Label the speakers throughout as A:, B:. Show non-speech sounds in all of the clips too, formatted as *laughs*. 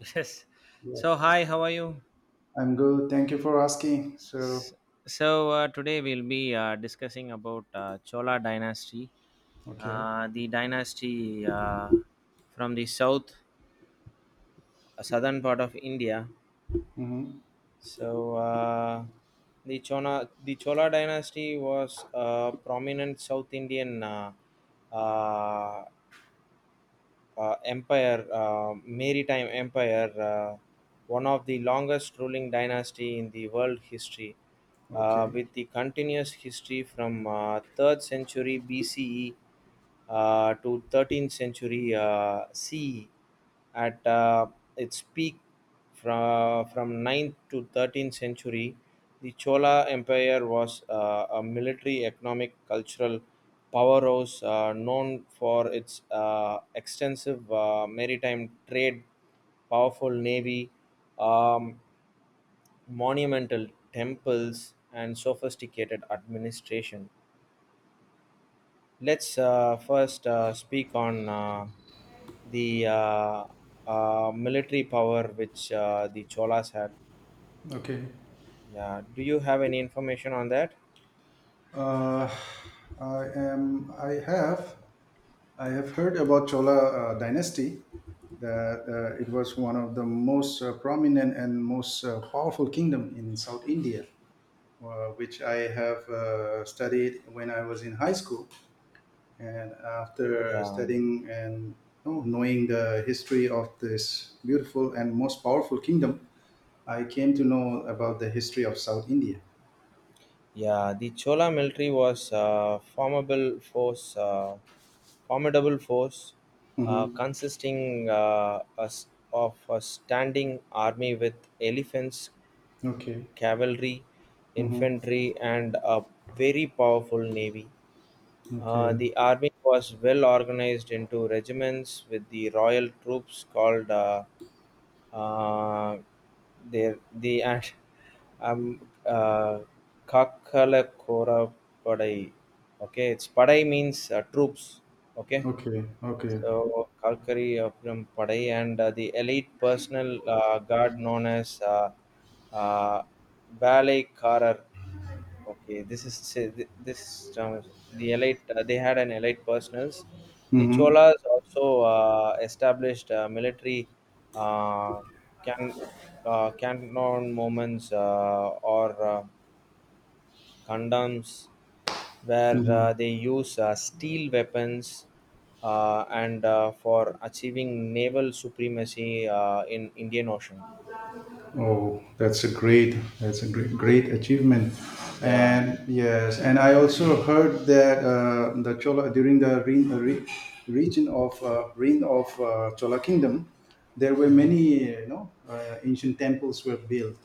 A: *laughs* Yes. So,
B: Yes.
A: hi, how are you?
B: I'm good. Thank you for asking. So,
A: S- So, today we'll be discussing about Chola dynasty,
B: okay.
A: the dynasty from the south, southern part of India.
B: Mm-hmm.
A: So, uh, the Chola dynasty was a prominent South Indian uh, empire, maritime empire, one of the longest ruling dynasty in the world history,
B: Okay.
A: with the continuous history from 3rd century BCE to 13th century CE. At its peak from ninth to 13th century, the chola empire was a military, economic, cultural powerhouse known for its extensive maritime trade, powerful navy, um, monumental temples and sophisticated administration. Let's first speak on the military power which the Cholas had.
B: Okay.
A: Yeah, do you have any information on that?
B: Uh, I am. I have. I have heard about Chola dynasty. That It was one of the most prominent and most powerful kingdom in South India, which I have studied when I was in high school. And after
A: Yeah,
B: studying and knowing the history of this beautiful and most powerful kingdom, I came to know about the history of South India.
A: yeah. The Chola military was a formidable force,
B: Mm-hmm.
A: consisting of a standing army with elephants,
B: Okay.
A: cavalry,
B: Mm-hmm.
A: infantry, and a very powerful navy.
B: Okay.
A: The army was well organized into regiments with the royal troops called uh, the and um uh, Kakalakora Padai. Okay, it's Padai means troops. Okay,
B: Okay. Okay.
A: so Kalkari Appuram Padai, and the elite personal guard known as uh, ballet carer. Okay, this term is the elite. They had an elite personals. The
B: Mm-hmm.
A: Cholas also established military uh, can cantonments or condoms where
B: Mm-hmm.
A: they use steel weapons, and for achieving naval supremacy in Indian Ocean.
B: Oh, that's a great, great achievement.
A: Yeah.
B: And yes, and I also heard that the Chola during the re, re, region of reign of Chola kingdom, there were
A: Mhm.
B: many, ancient temples were built.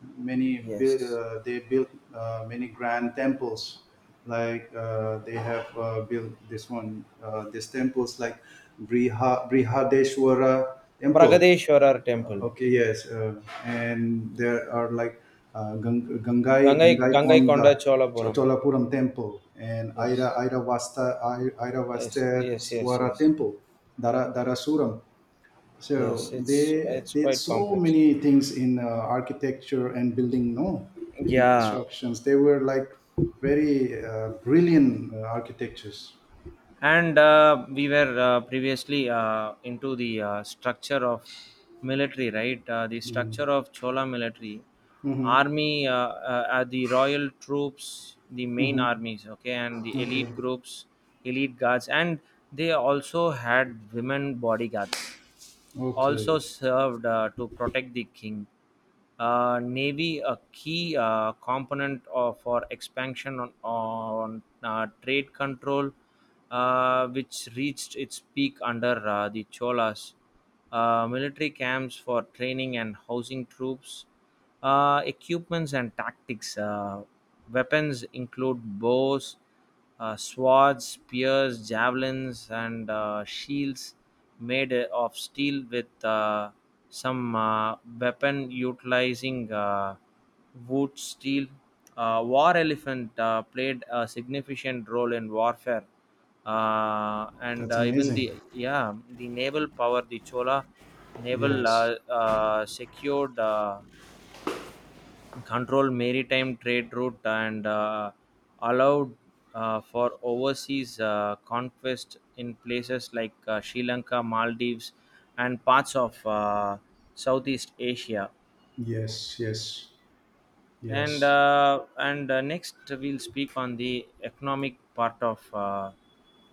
B: Many
A: Yes.
B: they built many grand temples. They have built this one, these temples like Brihadeshwara temple.
A: Pragadeshwarar temple.
B: Okay, yes, and there are like
A: Gangai
B: Gangai Konda,
A: Gangaikonda Cholapuram.
B: Cholapuram Temple, and
A: Yes. Yes. Yes. Yes.
B: Airavasteswara
A: Yes.
B: Temple, Darasuram.
A: Yes.
B: So
A: It's
B: they
A: it's
B: did
A: quite
B: so
A: complex.
B: many things in architecture and building, no building
A: Yeah.
B: constructions. They were like very brilliant architectures.
A: And we were previously into the structure of military, right? The
B: Mm-hmm.
A: structure of chola military
B: Mm-hmm.
A: army, the royal troops, the main armies, okay, and the elite
B: Okay.
A: groups, elite guards, and they also had women bodyguards, also
B: Okay.
A: served to protect the king. Navy, a key component of, for expansion on trade control, which reached its peak under the Cholas. Military camps for training and housing troops, equipments and tactics. Weapons include bows, swords, spears, javelins, and shields made of steel with some weapon utilizing wood steel. War elephant played a significant role in warfare, and
B: That's
A: even
B: amazing.
A: the yeah the naval power, the Chola naval
B: Yes.
A: secured. Control maritime trade route and allowed for overseas conquest in places like Sri Lanka, Maldives, and parts of Southeast Asia.
B: Yes, yes,
A: And
B: yes.
A: uh, and uh, next we'll speak on the economic part of uh,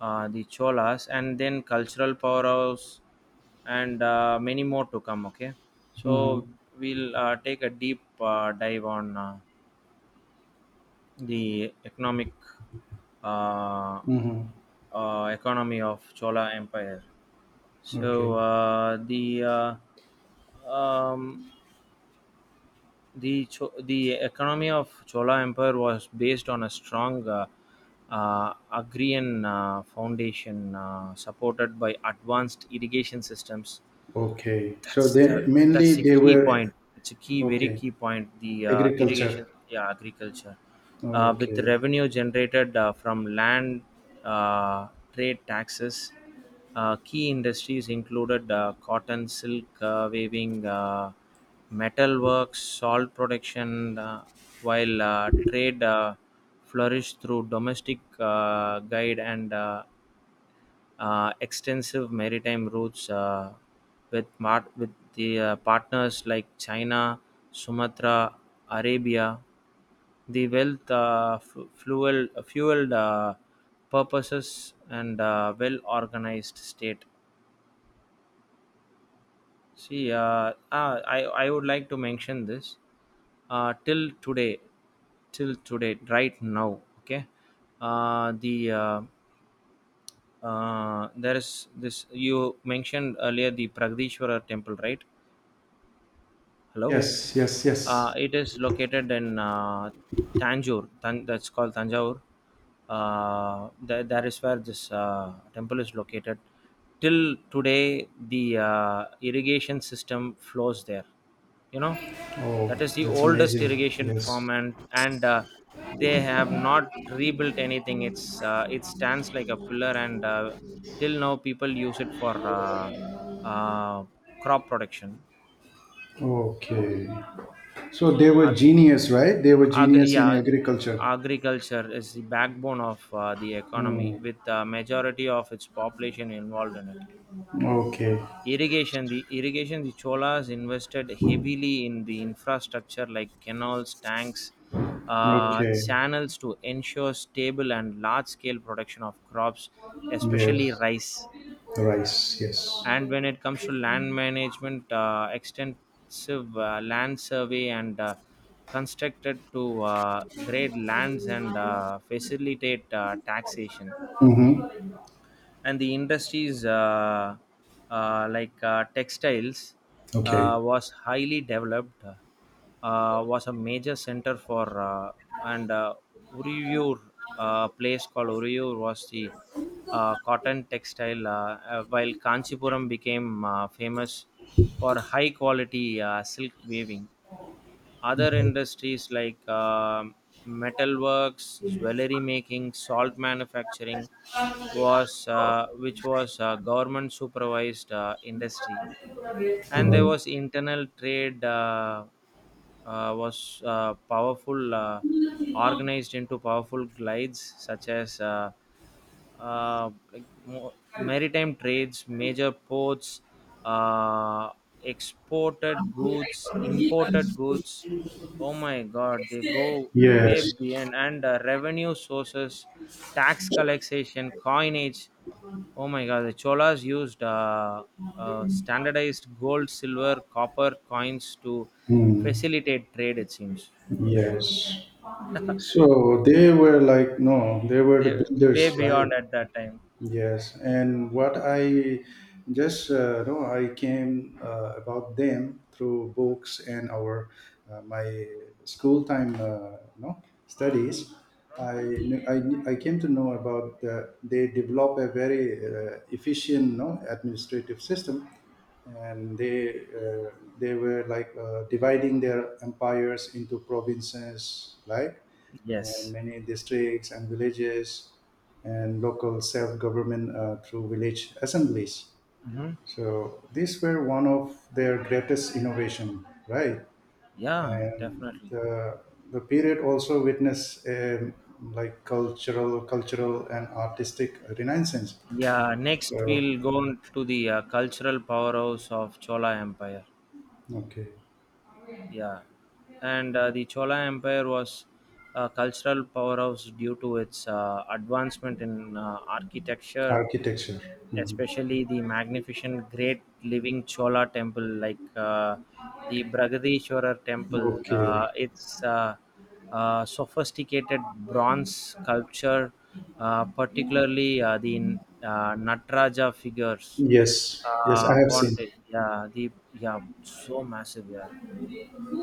A: uh, the Cholas, and then cultural powerhouse, and many more to come. Okay,
B: Mm-hmm.
A: so we'll take a deep dive on the economic uh,
B: Mm-hmm.
A: economy of Chola Empire. So
B: Okay.
A: the economy of Chola Empire was based on a strong agrarian foundation supported by advanced irrigation systems.
B: Okay. So
A: that's the
B: they mainly
A: that's a
B: they
A: key
B: were
A: point. It's a key, very
B: okay.
A: key point, the
B: Agriculture.
A: irrigation, yeah, agriculture, with
B: Okay.
A: revenue generated from land, trade taxes. Key industries included cotton, silk weaving, metal works, salt production, while trade flourished through domestic guide, and extensive maritime routes with the partners like China, Sumatra, Arabia. The wealth fueled purposes and well organized state. See, I would like to mention this uh, till today, till today, right now. Okay, uh, the uh, there is this, you mentioned earlier the pragadishwara temple, right? Hello.
B: Yes, yes, yes.
A: It is located in Tanjore. That's called Tanjore. That is where this temple is located. Till today, the irrigation system flows there. You know,
B: Oh,
A: that is the
B: that's
A: oldest
B: amazing.
A: irrigation
B: Yes.
A: farm, and they have not rebuilt anything. It stands like a pillar, and till now people use it for uh, crop production.
B: Okay. So they were
A: Ag-
B: genius, right? They were genius in
A: Yeah,
B: agriculture.
A: agriculture is the backbone of the economy,
B: Hmm.
A: with the majority of its population involved in it.
B: Okay.
A: Irrigation, the Cholas invested heavily in the infrastructure like canals, tanks,
B: Okay.
A: channels, to ensure stable and large-scale production of crops,
B: Yes.
A: especially rice.
B: Rice, yes.
A: And when it comes to land management, extensive land survey, and constructed to grade lands and facilitate taxation.
B: Mm-hmm.
A: And the industries like textiles
B: Okay.
A: was highly developed, was a major center for, and Uriyur, place called Uriyur, was the cotton textile, while Kanchipuram became famous for high quality silk weaving. Other
B: Mm.
A: industries like metalworks, jewelry making, salt manufacturing was which was a government supervised industry. And there
B: Mm.
A: was internal trade, was powerful, organized into powerful glides such as like maritime trades, major ports, uh, exported goods, imported goods. Oh my God, they go way
B: Yes.
A: beyond. And revenue sources, tax collection, coinage. Oh my God, the Cholas used standardized gold, silver, copper coins to
B: Mm.
A: facilitate trade. It seems. Oh
B: Yes.
A: shit!
B: So they were like, no, they were the
A: They way
B: builders, right?
A: beyond at that time.
B: Yes. And what I just no, I came about them through books and our my school time no
A: Mhm.
B: studies. I came to know about the, they develop a very efficient no administrative system and they were like dividing their empires into provinces like and
A: Yes.
B: many districts and villages and local self-government through village assemblies.
A: Hmm.
B: So these were one of their greatest innovation, right?
A: Yeah,
B: And
A: definitely.
B: the, the period also witnessed like cultural and artistic renaissance.
A: Yeah, next
B: So
A: we'll go on to the cultural powerhouse of Chola Empire.
B: okay.
A: Yeah, and the Chola Empire was a cultural powerhouse due to its advancement in architecture,
B: Architecture. Mhm.
A: especially the magnificent Great Living Chola Temple, like the Bragadishwarar Temple.
B: Okay.
A: Its Sophisticated bronze sculpture, particularly the Nataraja figures,
B: Yes. Yes, I have seen.
A: Ponte, yeah, the yeah, so massive, yeah.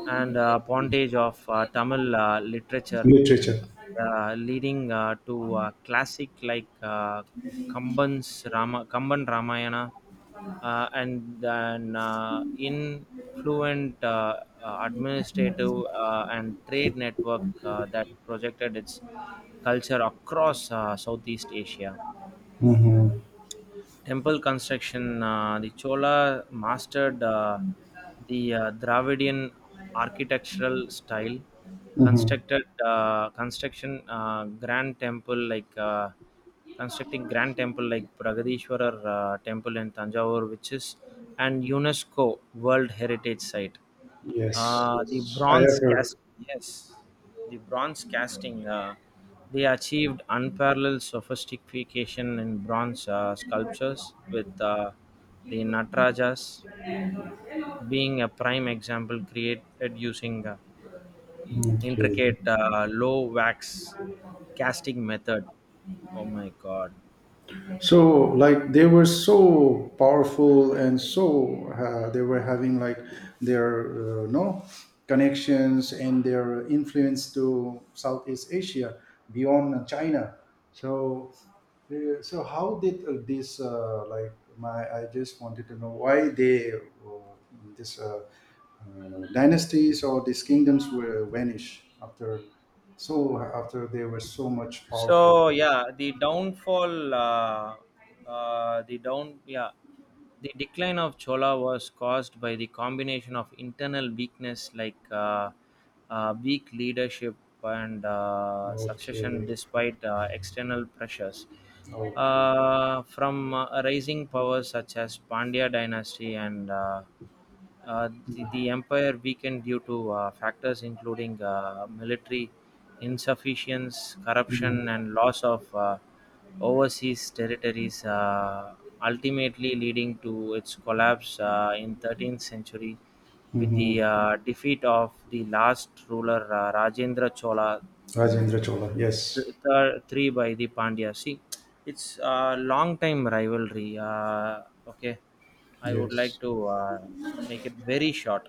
A: And pontage of Tamil literature,
B: Literature.
A: leading to classic like Kamban's Rama, Kamban Ramayana, and then influent administrative and trade network that projected its culture across Southeast Asia.
B: Mm-hmm.
A: Temple construction, the Chola mastered the Dravidian architectural style,
B: Mm-hmm.
A: constructed construction grand temple like constructing grand temple like Pragadishwarar temple in Tanjavur, which is an UNESCO World Heritage Site.
B: Yes,
A: Uh, the
B: yes, I have
A: bronze cast,
B: heard.
A: yes, the bronze casting. They achieved unparalleled sophistication in bronze sculptures, with the Natarajas being a prime example, created using
B: Okay.
A: intricate low wax casting method. Oh my god!
B: So, like, they were so powerful and so they were having like their no connections and their influence to Southeast Asia beyond China. So, so how did this like my? I just wanted to know why they this dynasties or these kingdoms were vanished after. So after they were so much powerful.
A: So yeah, the downfall, the down, yeah, the decline of Chola was caused by the combination of internal weakness like weak leadership and succession,
B: Okay,
A: despite external pressures
B: okay.
A: from rising powers such as Pandya dynasty. And the empire weakened due to factors including military insufficiency, corruption,
B: Mm-hmm.
A: and loss of overseas territories, ultimately leading to its collapse in 13th century, with
B: Hmm.
A: the defeat of the last ruler, Rajendra Chola
B: Rajendra Chola. Yes,
A: three, by the Pandya. See, it's a long time rivalry. Okay, I would
B: yes.
A: like to make it very short,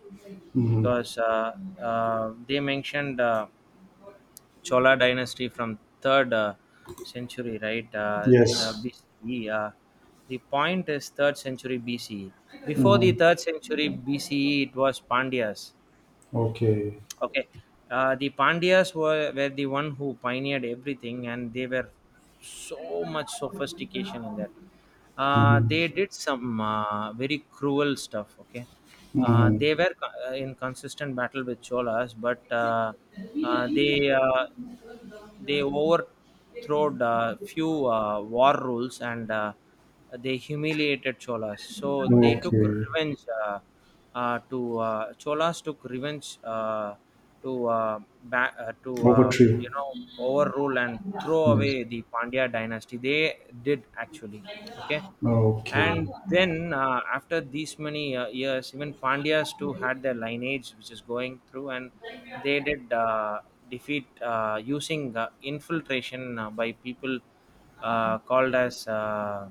B: Hmm.
A: because they mentioned Chola dynasty from third century, right?
B: Yes.
A: BCE. The point is third century BCE. Before the
B: Hmm.
A: third century BCE, it was Pandyas.
B: Okay.
A: Okay, the Pandyas were the one who pioneered everything, and they were so much sophistication in that. They
B: Hmm.
A: did some very cruel stuff. Okay,
B: Hmm.
A: they were in consistent battle with Cholas, but uh, they uh, they overthrowed a few war rules, and they humiliated Cholas. So they took
B: Okay.
A: revenge, uh, to Cholas took revenge to ba- to
B: Over to you.
A: you know, overrule and throw
B: Yes.
A: away the Pandya dynasty. They did, actually. Okay.
B: Okay.
A: And then after these many years, even pandyas too had their lineage which is going through, and they did defeat using infiltration by people called as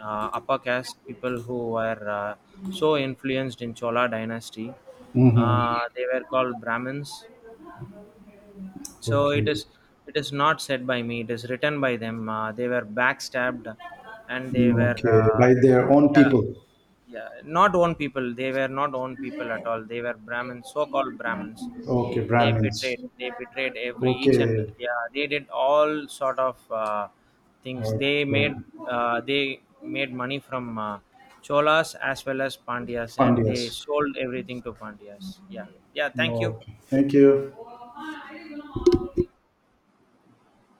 A: uh, upper caste people who were so influenced in chola dynasty.
B: Hmm.
A: They were called brahmins. So
B: Okay.
A: it is, it is not said by me, it is written by them. They were backstabbed, and they were
B: Okay. By their own
A: yeah.
B: people.
A: Yeah, not own people, they were not own people at all. They were brahmins, so called brahmins.
B: Okay,
A: they
B: Brahmins.
A: betrayed they betrayed every each, and
B: Okay.
A: yeah, they did all sort of things. They
B: Okay.
A: made they made money from cholas as well as pandyas, and they
B: Pandyas.
A: sold everything to pandyas. Yeah, yeah, thank you.
B: Okay. Thank you.